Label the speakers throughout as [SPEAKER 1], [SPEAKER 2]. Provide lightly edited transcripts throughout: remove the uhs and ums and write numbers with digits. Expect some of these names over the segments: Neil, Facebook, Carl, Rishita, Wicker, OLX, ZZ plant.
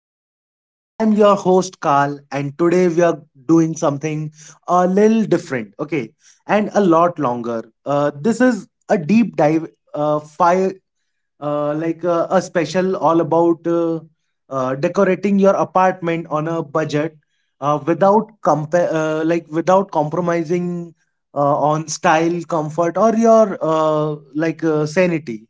[SPEAKER 1] Okay. I am your host Carl, and today we are doing something a little different, okay, and a lot longer. This is a deep dive fire like a special all about decorating your apartment on a budget without without compromising on style, comfort, or your sanity.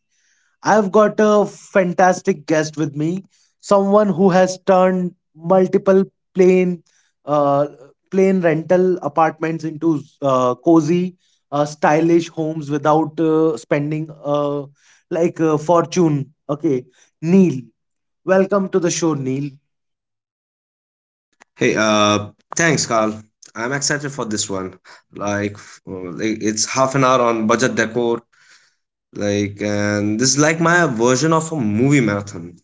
[SPEAKER 1] I've got a fantastic guest with me, someone who has turned multiple plain, uh, plain rental apartments into cozy, stylish homes without spending a fortune. Okay, Neil, welcome to the show, Neil.
[SPEAKER 2] Hey, uh, Thanks, Carl. I'm excited for this one. Like, it's half an hour on budget decor. And this is like my version of a movie marathon.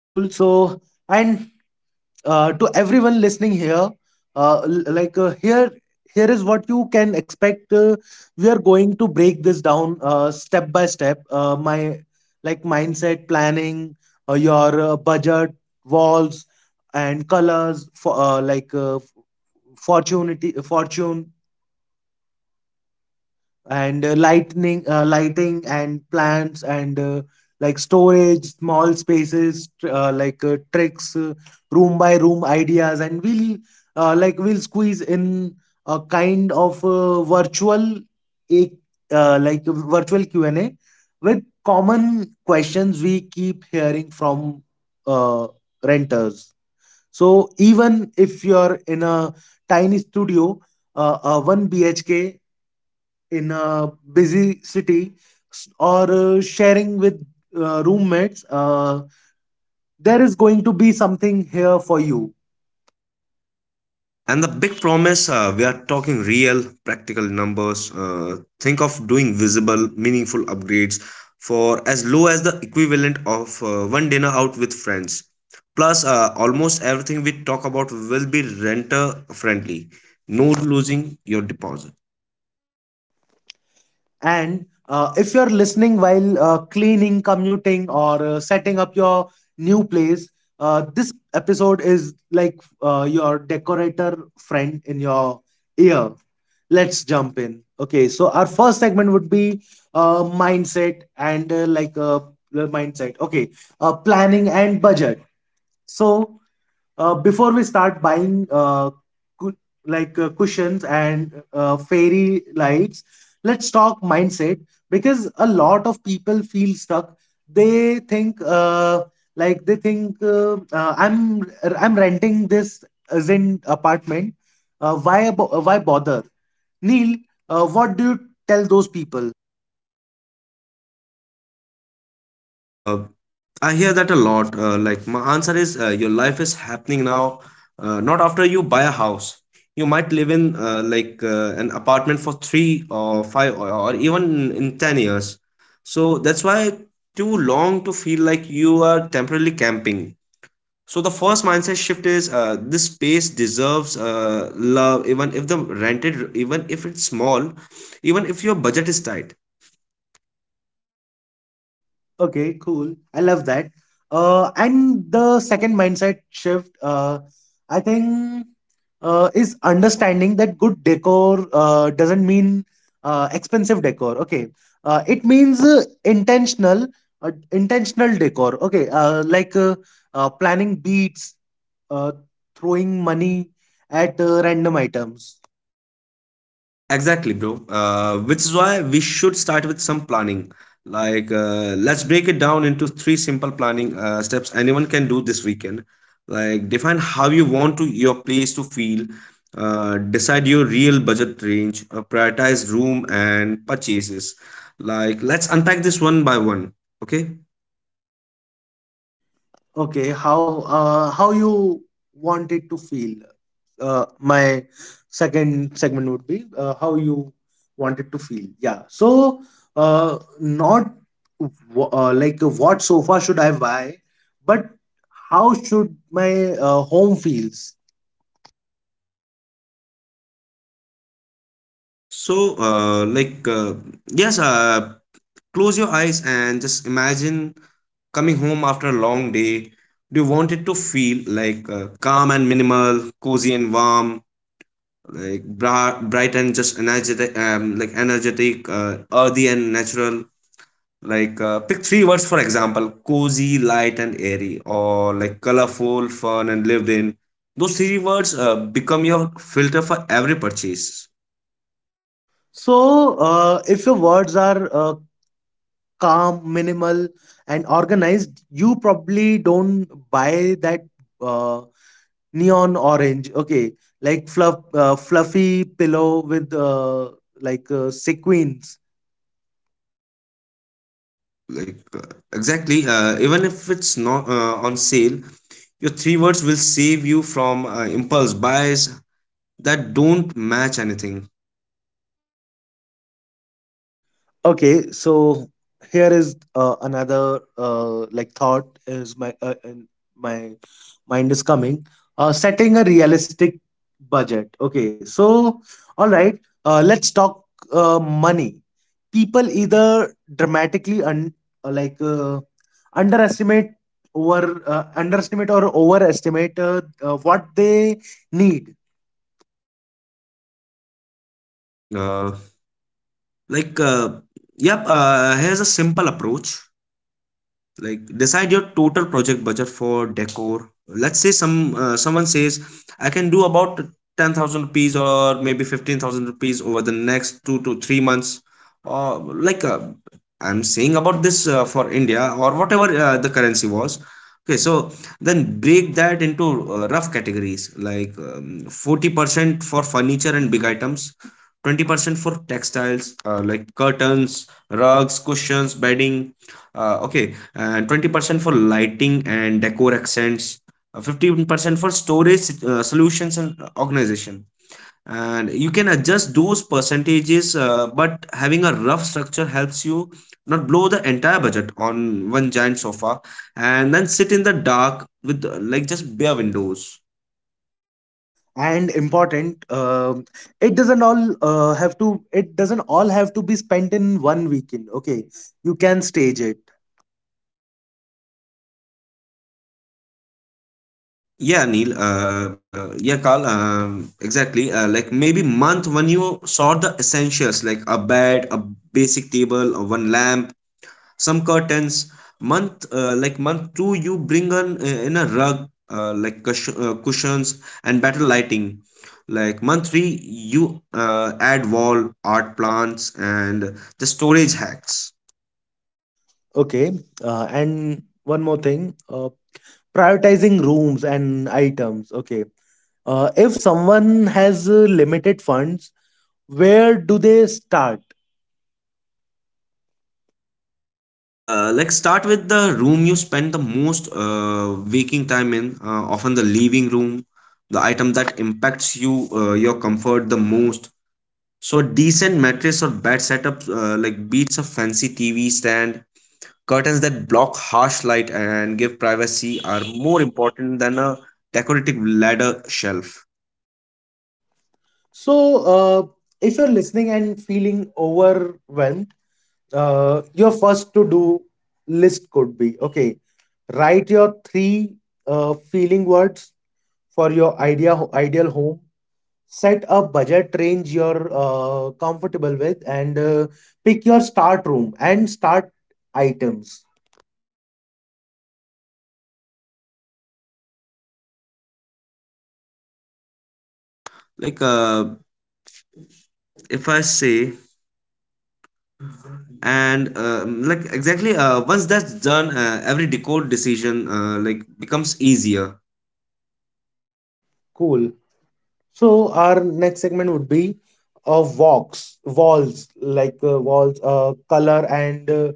[SPEAKER 1] Cool. So, and to everyone listening here, uh, l- like uh, here here is what you can expect. We are going to break this down step by step: my like mindset, planning, your budget, walls and colors for like f- fortunity fortune, and lightning lighting and plants, and storage, small spaces tricks, room by room ideas, and we'll we'll squeeze in a kind of virtual a like virtual Q&A with common questions we keep hearing from uh, renters. So even if you're in a tiny studio, a 1 bhk in a busy city, or sharing with roommates, there is going to be something here for you.
[SPEAKER 2] And the big promise, we are talking real, practical numbers. Think of doing visible, meaningful upgrades for as low as the equivalent of one dinner out with friends. Plus, almost everything we talk about will be renter friendly. No losing your deposit.
[SPEAKER 1] And if you're listening while cleaning, commuting, or setting up your new place, this episode is like your decorator friend in your ear. Let's jump in. Okay, so our first segment would be uh, mindset and uh, like uh, mindset, planning and budget. So, before we start buying cu- cushions and fairy lights, let's talk mindset, because a lot of people feel stuck. They think I'm renting this as in apartment. Why bother? Neil, what do you tell those people?
[SPEAKER 2] Uh, I hear that a lot. Like my answer is your life is happening now, not after you buy a house. You might live in an apartment for three or five or even in 10 years. So that's why too long to feel like you are temporarily camping. So the first mindset shift is this space deserves love, even if the rented, even if it's small, even if your budget is tight.
[SPEAKER 1] Okay, cool. I love that. And the second mindset shift, I think, is understanding that good decor doesn't mean expensive decor. Okay, it means intentional, intentional decor. Okay, planning beats uh, throwing money at random items.
[SPEAKER 2] Exactly, bro. Which is why we should start with some planning. Let's break it down into three simple planning steps anyone can do this weekend. Define how you want to your place to feel, decide your real budget range, prioritize room and purchases. Like, let's unpack this one by one. Okay.
[SPEAKER 1] Okay, how you want it to feel? My second segment would be how you want it to feel. Yeah. So, not what sofa should I buy, but how should my home feels.
[SPEAKER 2] So, yes, uh, close your eyes and just imagine coming home after a long day. Do you want it to feel like calm and minimal, cozy and warm, like bright and just energetic, like energetic, earthy and natural? Like pick three words for example: cozy, light, and airy, or like colorful, fun, and lived in. Those three words become your filter for every purchase.
[SPEAKER 1] So, if your words are calm, minimal, and organized, you probably don't buy that uh, neon orange. Okay, like fluffy pillow with sequins.
[SPEAKER 2] like uh, exactly, even if it's not on sale, your three words will save you from impulse buys that don't match anything.
[SPEAKER 1] Okay, so here is another thought is my in my mind is coming. Setting a realistic budget. Okay, so all right, let's talk money. People either dramatically uh, like uh, underestimate, over underestimate or overestimate what they need.
[SPEAKER 2] uh, like uh, yep Here's a simple approach. Like decide your total project budget for decor. Let's say someone says I can do about 10,000 rupees or maybe 15,000 rupees over the next 2 to 3 months, or like uh, I'm saying about this for India or whatever the currency was. Okay, so then break that into rough categories. Like 40% for furniture and big items, 20% for textiles like curtains, rugs, cushions, bedding, okay, and 20% for lighting and decor accents, 15% for storage solutions and organization. And you can adjust those percentages, but having a rough structure helps you not blow the entire budget on one giant sofa and then sit in the dark with just bare windows.
[SPEAKER 1] And important, it doesn't all have to be spent in one weekend, okay? You can stage it.
[SPEAKER 2] Yeah, Neil. Yeah, Carl. Exactly. Like maybe month when you sort the essentials like a bed, a basic table, one lamp, some curtains. Month 2 you bring on in a rug, cushions and better lighting. Like month 3 you add wall art, plants, and the storage hacks.
[SPEAKER 1] Okay, and one more thing, prioritizing rooms and items. Okay, if someone has limited funds, where do they start?
[SPEAKER 2] Like start with the room you spend the most waking time in, often the living room, the item that impacts your comfort the most. So a decent mattress or bed setup beats a fancy TV stand. Curtains that block harsh light and give privacy are more important than a decorative ladder shelf.
[SPEAKER 1] So if you're listening and feeling overwhelmed, your first to do list could be, okay: write your three feeling words for your ideal home. Set a budget range you're comfortable with, and pick your start room and start items.
[SPEAKER 2] Like if I say, and like Exactly, once that's done, every decor decision becomes easier.
[SPEAKER 1] Cool. So our next segment would be walls, walls, color and uh,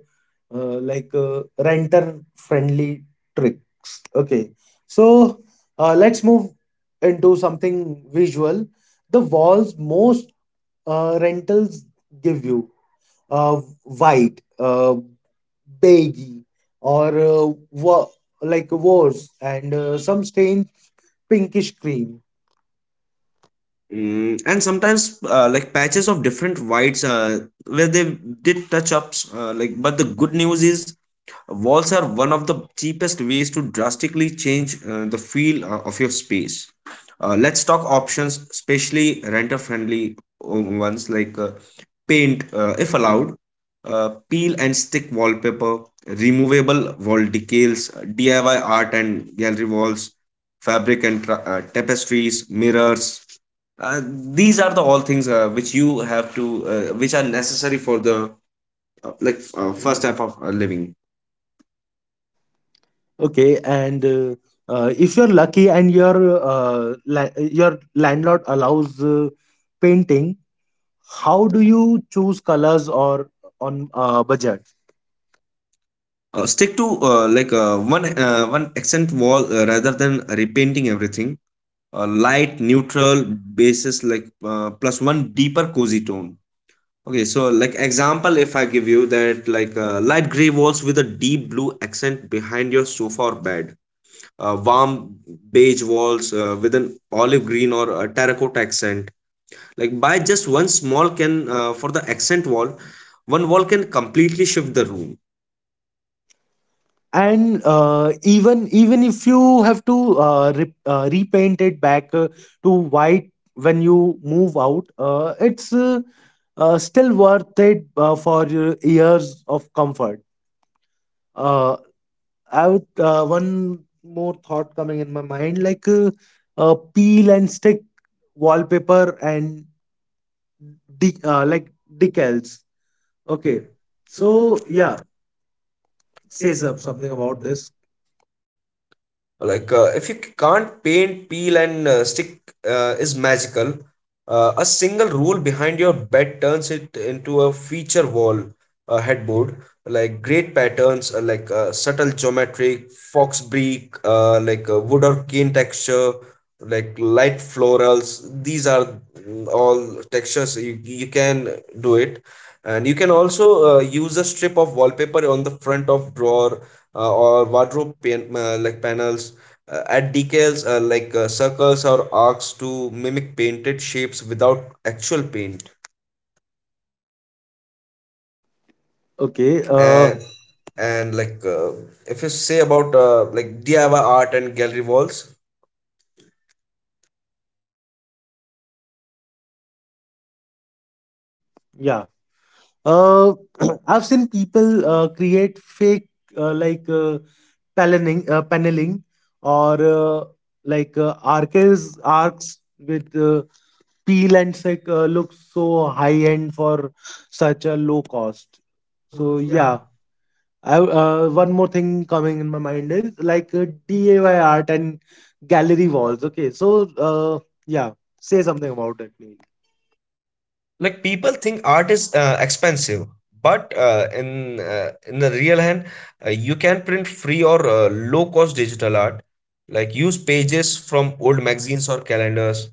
[SPEAKER 1] uh, like uh, renter friendly tricks. Okay, so let's move into something visual. The walls: most rentals give you uh, white, beige, or worse, and some stained pinkish cream.
[SPEAKER 2] Mm, and sometimes patches of different whites where they did touch ups. But the good news is walls are one of the cheapest ways to drastically change the feel of your space. Let's talk options, especially renter friendly ones like, paint, if allowed, peel and stick wallpaper, removable wall decals, DIY art and gallery walls, fabric and tapestries, mirrors. Uh, these are the all things which you have to, which are necessary for the first type of living.
[SPEAKER 1] Okay, and if you're lucky and your your landlord allows painting, how do you choose colors or on budget?
[SPEAKER 2] Stick to one accent wall rather than repainting everything. A light, neutral basis like, plus one deeper cozy tone. Okay, so like example, if I give you that like light gray walls with a deep blue accent behind your sofa or bed, warm beige walls with an olive green or a terracotta accent. Like by just one small can for the accent wall, one wall can completely shift the room.
[SPEAKER 1] And even if you have to repaint it back to white when you move out, it's still worth it for years of comfort. Uh, I would One more thought coming in my mind, peel and stick wallpaper and de- uh, like decals. Okay,
[SPEAKER 2] Okay. So
[SPEAKER 1] so yeah,
[SPEAKER 2] yeah, say
[SPEAKER 1] say
[SPEAKER 2] something
[SPEAKER 1] something
[SPEAKER 2] about
[SPEAKER 1] about
[SPEAKER 2] this.
[SPEAKER 1] this.
[SPEAKER 2] Like if you can't paint, peel and stick is magical. Uh, a single rule behind your bed turns it into a feature wall, headboard. Like great patterns, subtle geometric fox brick, wood or cane texture, like light florals. These are, mm, all textures you can do it. And you can also use a strip of wallpaper on the front of drawer or wardrobe panels. Uh, add decals circles or arcs to mimic painted shapes without actual paint.
[SPEAKER 1] Okay. uh,
[SPEAKER 2] and
[SPEAKER 1] Mhm.
[SPEAKER 2] and like uh, if you say about DIY art and gallery walls,
[SPEAKER 1] Yeah, uh, I've seen people create fake uh, like uh, paneling or like arches arcs with look so high end for such a low cost. So yeah, one more thing coming in my mind is like DIY art and gallery walls. Okay, so yeah, say something about it, Neil.
[SPEAKER 2] like people think art is expensive, but in the real hand, you can print free or low cost digital art. Like use pages from old magazines or calendars,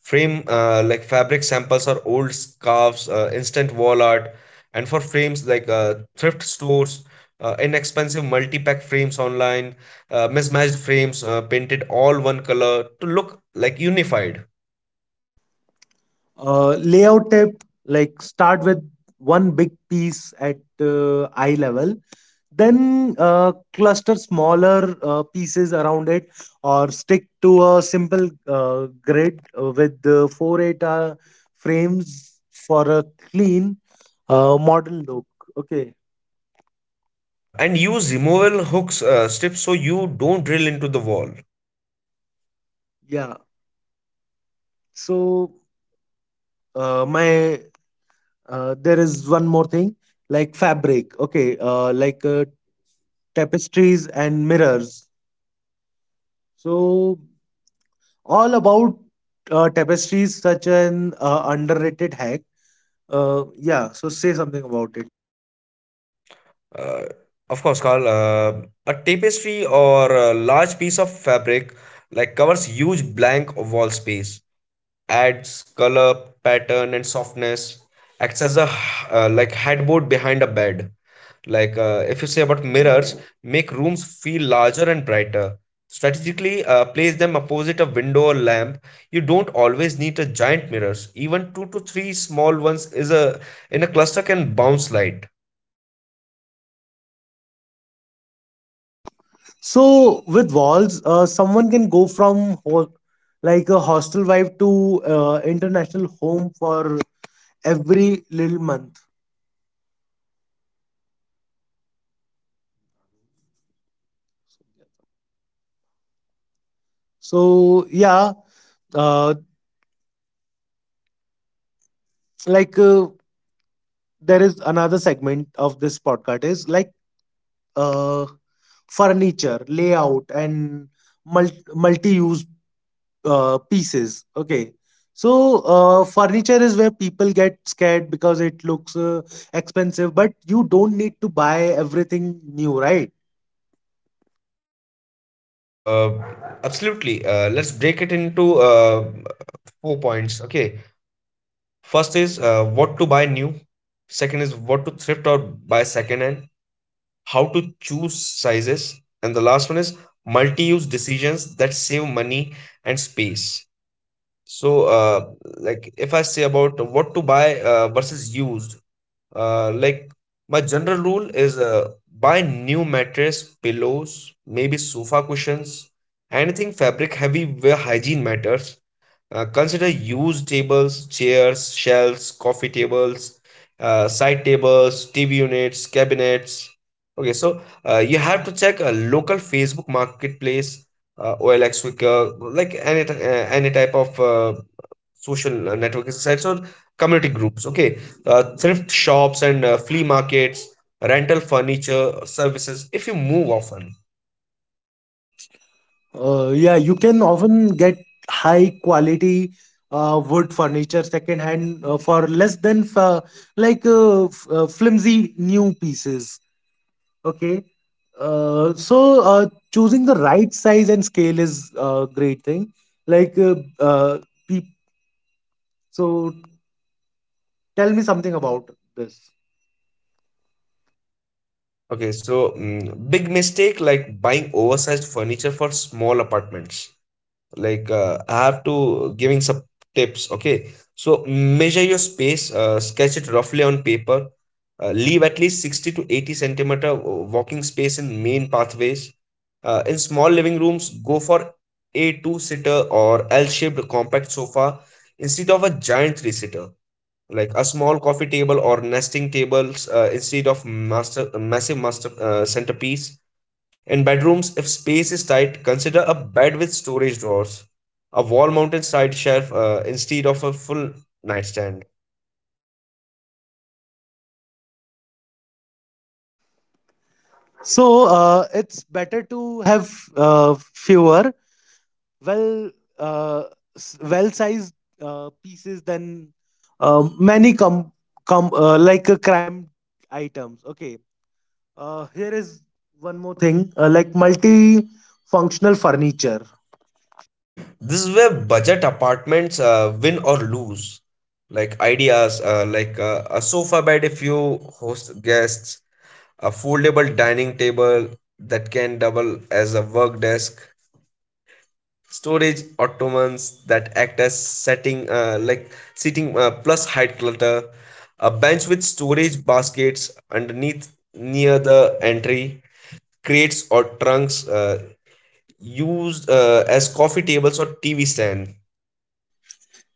[SPEAKER 2] frame fabric samples or old scarves, instant wall art. And for frames, like thrift stores, inexpensive multi-pack frames online, mismatched frames painted all one color to look unified.
[SPEAKER 1] Layout tip: like start with one big piece at eye level, then cluster smaller pieces around it, or stick to a simple grid with the 4 8 frames for a clean modern look. Okay.
[SPEAKER 2] And use removable hooks strips so you don't drill into the wall.
[SPEAKER 1] Yeah, so my there is one more thing like fabric, okay, tapestries and mirrors. So all about tapestries, such an underrated hack. Yeah, so say something about it.
[SPEAKER 2] uh, of course, Carl. A tapestry or a large piece of fabric covers huge blank wall space, adds color, pattern, and softness. Acts as a headboard behind a bed. Like if you say about mirrors, make rooms feel larger and brighter. Strategically, place them opposite a window or lamp. You don't always need a giant mirrors. Even two to three small ones is a in a cluster can bounce light.
[SPEAKER 1] So with walls, someone can go from a hostel vibe to international home for every little month. So yeah, uh, like uh, there is another segment of this podcast, is like uh, furniture layout and multi pieces. Okay. So, furniture is where people get scared because it looks expensive, but you don't need to buy everything new, right?
[SPEAKER 2] Uh, absolutely. Let's break it into four points. Okay. First is what to buy new. Second is what to thrift or buy second hand, how to choose sizes, and the last one is multi-use decisions that save money and space. So, like if I say about what to buy versus used, uh, like my general rule is, buy new mattress, pillows, maybe sofa cushions, anything fabric heavy where hygiene matters. Consider used tables, chairs, shelves, coffee tables, side tables, TV units, cabinets. Okay, so you have to check a local Facebook marketplace, OLX, Wicker, like any any type of social networking sites or community groups. Okay, thrift shops and flea markets, rental furniture services. If you move often.
[SPEAKER 1] Yeah, you can often get high quality wood furniture second hand for less than flimsy new pieces. Okay. Choosing the right size and scale is a great thing. Like, peop- so tell me something about this.
[SPEAKER 2] Okay, so, mm, big mistake like buying oversized furniture for small apartments. Like I have to giving some tips. Okay, so measure your space, sketch it roughly on paper, leave at least 60 to 80 centimeter walking space in main pathways. In small living rooms, go for a two sitter or l-shaped compact sofa instead of a giant three sitter. Like a small coffee table or nesting tables instead of master massive master centerpiece. In bedrooms, if space is tight, consider a bed with storage drawers, a wall mounted side shelf instead of a full nightstand.
[SPEAKER 1] So it's better to have fewer well uh, well sized pieces than many com com like cramped items. Okay, here is one more thing, multi functional furniture.
[SPEAKER 2] This is where budget apartments win or lose. Like ideas, a sofa bed if you host guests, a foldable dining table that can double as a work desk, storage ottomans that act as setting, like seating plus height clutter, a bench with storage baskets underneath near the entry, crates or trunks used as coffee tables or TV stand.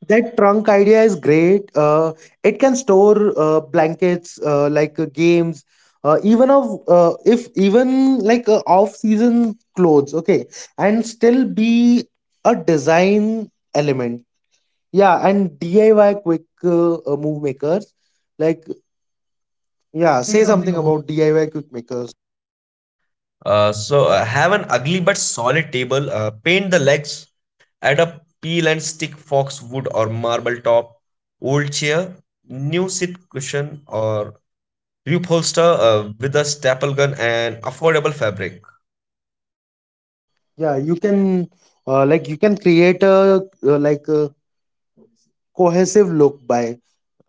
[SPEAKER 1] That trunk idea is great. It can store blankets, games, even of if even like off-season clothes. Okay, and still be a design element. Yeah, and DIY quick move makers. Like,
[SPEAKER 2] Yeah,
[SPEAKER 1] yeah,
[SPEAKER 2] say
[SPEAKER 1] say
[SPEAKER 2] something
[SPEAKER 1] something
[SPEAKER 2] about.
[SPEAKER 1] about DIY quick makers.
[SPEAKER 2] Have an ugly but solid table, paint the legs, add a peel and stick fox wood or marble top. Old chair, new seat cushion, or reupholster with a staple gun and affordable fabric.
[SPEAKER 1] Yeah, you can you can create a a cohesive look by,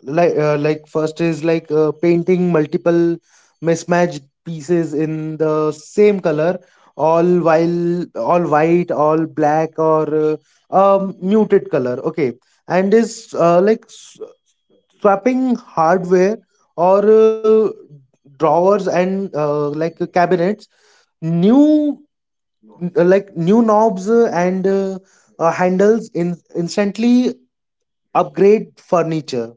[SPEAKER 1] first is like painting multiple mismatched pieces in the same color, all while all white, all black, or muted color, okay, and is like s- swapping hardware or drawers and cabinets: new new knobs and handles in instantly upgrade furniture.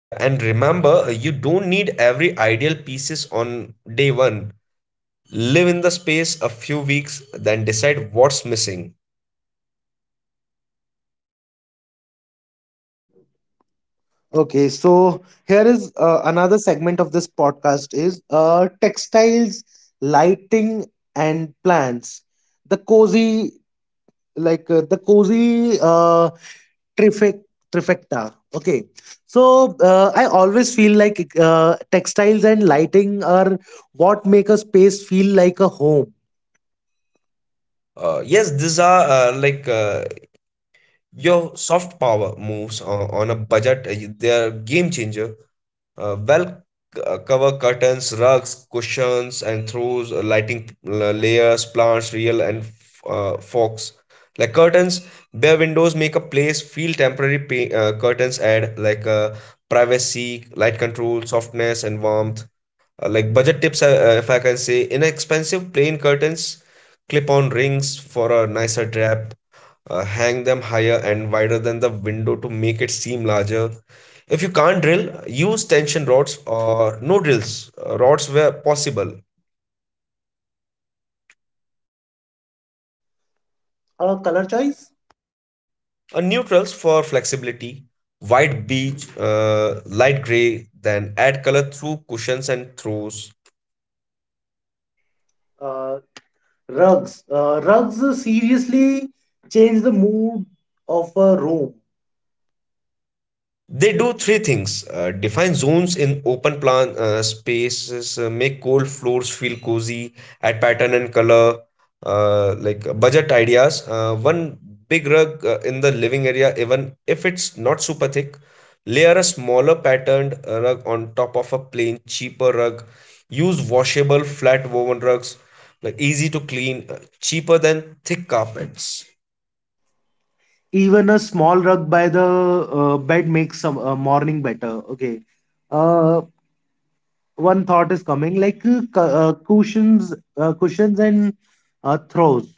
[SPEAKER 2] Yeah, and remember, you don't need every ideal pieces on day one. Live in the space a few weeks, then decide what's missing.
[SPEAKER 1] Okay, so here is another segment of this podcast: is textiles, lighting, and plants. The cozy, like uh, the cozy uh, trifec- trifecta. Okay, so I always feel like textiles and lighting are what make a space feel like a home.
[SPEAKER 2] Yes, these are your soft power moves on a budget. Uh, they are game changer. Uh, well cover curtains, rugs, cushions, and throws, lighting layers, plants, real and forks. Like curtains, bare windows make a place feel temporary. Curtains add privacy, light control, softness, and warmth. Like budget tips, if I can say, inexpensive plain curtains, clip on rings for a nicer drap, hang them higher and wider than the window to make it seem larger. If you can't drill, use tension rods or no drills rods where possible.
[SPEAKER 1] Color choice.
[SPEAKER 2] Neutrals for flexibility, white beige, light gray, then add color through cushions and throws.
[SPEAKER 1] uh, Rugs. Rugs seriously change the mood of a room.
[SPEAKER 2] They do three things, define zones in open plan spaces, make cold floors feel cozy, add pattern and color, like budget ideas. One big rug in the living area, even if it's not super thick, layer a smaller patterned rug on top of a plain, cheaper rug. Use washable, flat woven rugs, like easy to clean, cheaper than thick carpets.
[SPEAKER 1] Even a small rug by the bed makes some morning better, okay? uh, One thought is coming, like cushions and throws.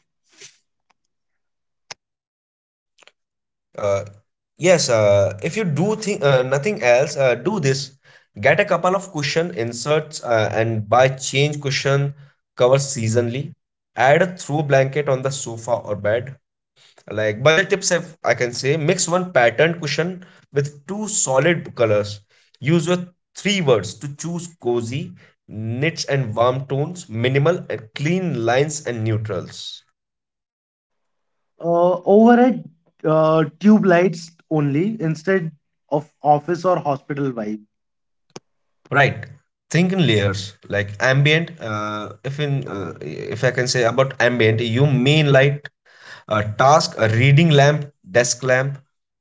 [SPEAKER 2] Uh, yes, if you do think nothing else, do this. Get a couple of cushion inserts and buy change cushion covers seasonally. Add a throw blanket on the sofa or bed. Like budget tips, if I can say, mix one patterned cushion with two solid colors. Use your three words to choose cozy, niche and warm tones, minimal and clean lines and neutrals.
[SPEAKER 1] Overhead tube lights only, instead of office or hospital vibe.
[SPEAKER 2] Right. Think in layers, like ambient. If I can say about ambient, you mean like a task, a reading lamp, desk lamp,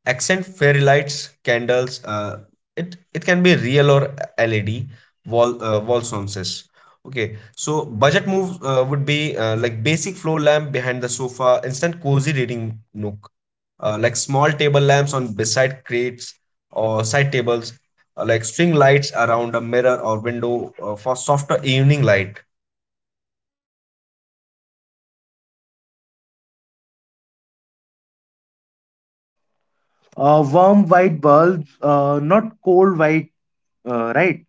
[SPEAKER 2] accent fairy lights, candles. It can be real or LED wall wall sconces. Okay, so budget move would be like basic floor lamp behind the sofa, instant cozy reading nook, like small table lamps on beside crates or side tables, like string lights around a mirror or window for softer evening light.
[SPEAKER 1] Warm white bulbs, not cold white, right?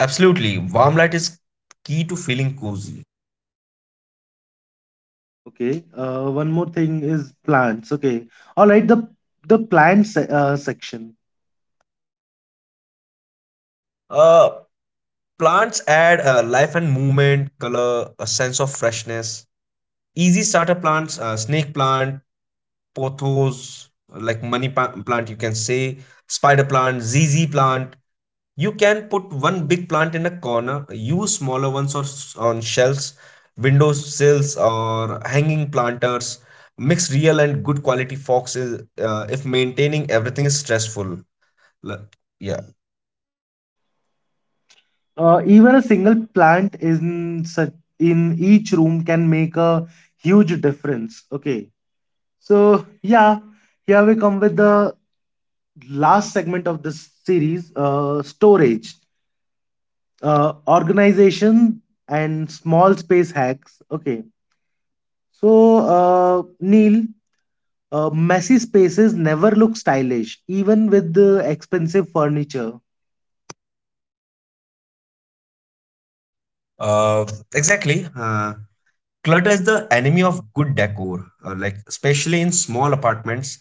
[SPEAKER 2] Absolutely, warm light is key to feeling cozy.
[SPEAKER 1] Okay, one more thing is plants. Okay, all right, the section.
[SPEAKER 2] Uh, Plants add life and movement, color, a sense of freshness. Easy starter plants, snake plant, pothos, like plant, you can say, spider plant, ZZ plant. You can put one big plant in a corner, use smaller ones on shelves, window sills, or hanging planters. Mix real and good quality foxes if maintaining everything is stressful. L- Yeah,
[SPEAKER 1] Even a single plant in such, in each room can make a huge difference. Okay, so yeah, here we come with the last segment of this series: storage, organization, and small space hacks. Okay, so Neil, messy spaces never look stylish, even with the expensive furniture.
[SPEAKER 2] uh, exactly. Clutter is the enemy of good decor, like especially in small apartments.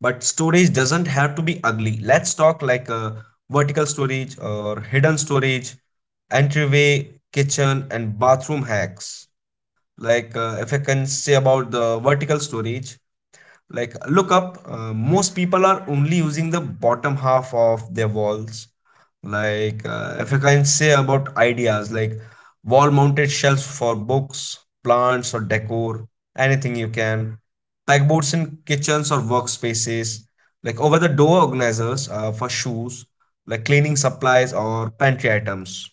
[SPEAKER 2] But storage doesn't have to be ugly. Let's talk like vertical storage or hidden storage, entryway, kitchen, and bathroom hacks. Like if I can say about the vertical storage, like look up, most people are only using the bottom half of their walls, like if I can say about ideas like wall mounted shelves for books, plants or decor, anything you can, pegboards in kitchens or workspaces, like over the door organizers for shoes, like cleaning supplies or pantry items.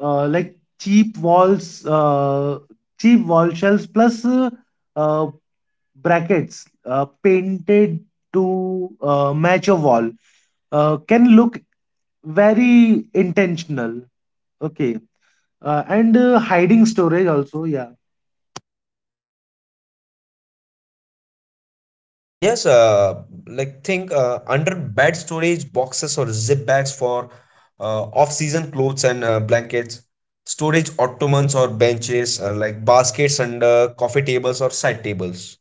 [SPEAKER 1] Like cheap walls, cheap wall shells plus uh, brackets painted to match a wall can look very intentional. Okay, and hiding storage also, yeah.
[SPEAKER 2] Yes, like think under bed storage boxes or zip bags for off-season clothes and blankets, storage ottomans or benches, like baskets under coffee tables or side tables.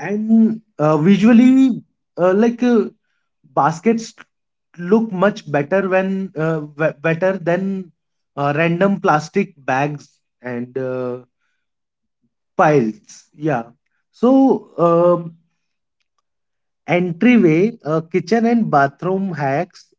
[SPEAKER 1] And visually, uh, like uh, baskets look much better better than random plastic bags and files, yeah. So, um, entryway, kitchen, and bathroom hacks.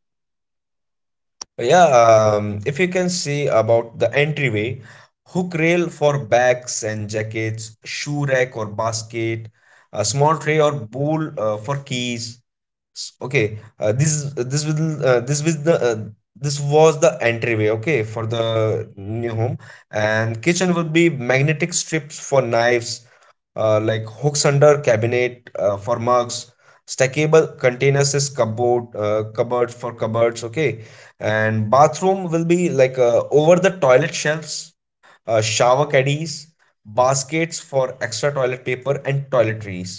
[SPEAKER 2] Yeah, if you can see about the entryway, hook rail for bags and jackets, shoe rack or basket, a small tray or bowl for keys. This will, this was the this was the entryway, okay, for the new home, and kitchen will be magnetic strips for knives, like hooks under cabinet for mugs, stackable containers is cupboard, cupboards for cupboards, okay, and bathroom will be like over the toilet shelves, shower caddies, baskets for extra toilet paper and toiletries.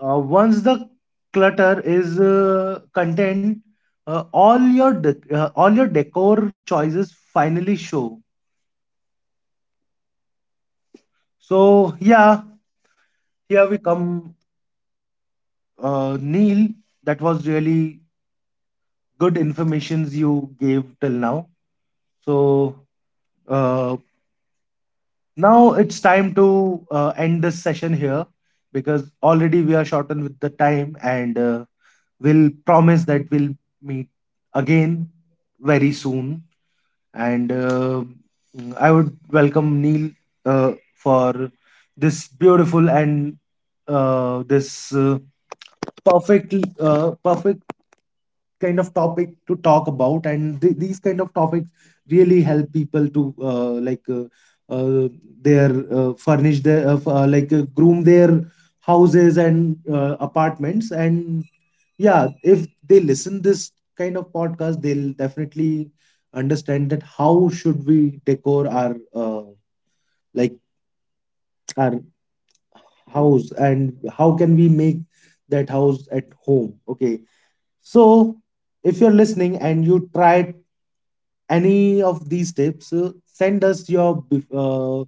[SPEAKER 1] Once the clutter is contained, all your decor choices finally show. So, yeah, here we come, Neil. That was really good informations you gave till now. So, uh, now it's time to end this session here, because already we are shortened with the time, and we'll promise that we'll meet again very soon. And I would welcome Neil for this beautiful and this perfect perfect kind of topic to talk about. And these kind of topics really help people to like uh, their furnish their groom their houses and apartments. And yeah, if they listen this kind of podcast, they'll definitely understand that how should we decor our uh, like our house, and how can we make that house at home, okay? So if you're listening and you tried any of these tips, send us your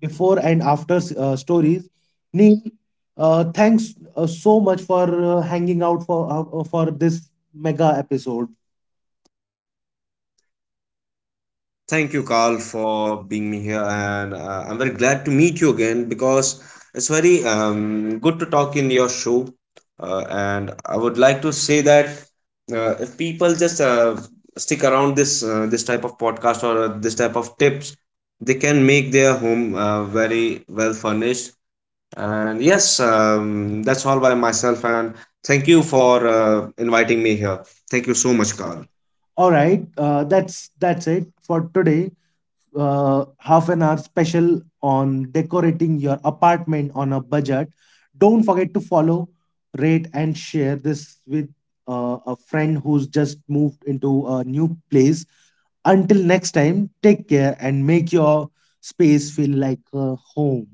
[SPEAKER 1] before and after stories. Neil, thanks so much for hanging out for this mega episode.
[SPEAKER 2] Thank you, Carl, for being me here, and I'm very glad to meet you again because it's very good to talk in your show. And I would like to say that if people just stick around this type of podcast or this type of tips, they can make their home very well furnished. And yes, that's all by myself. And thank you for inviting me here. Thank you so much, Carl.
[SPEAKER 1] All right, that's it for today: half-an-hour special on decorating your apartment on a budget. Don't forget to follow, rate, and share this with a friend who's just moved into a new place. Until next time, take care and make your space feel like a home.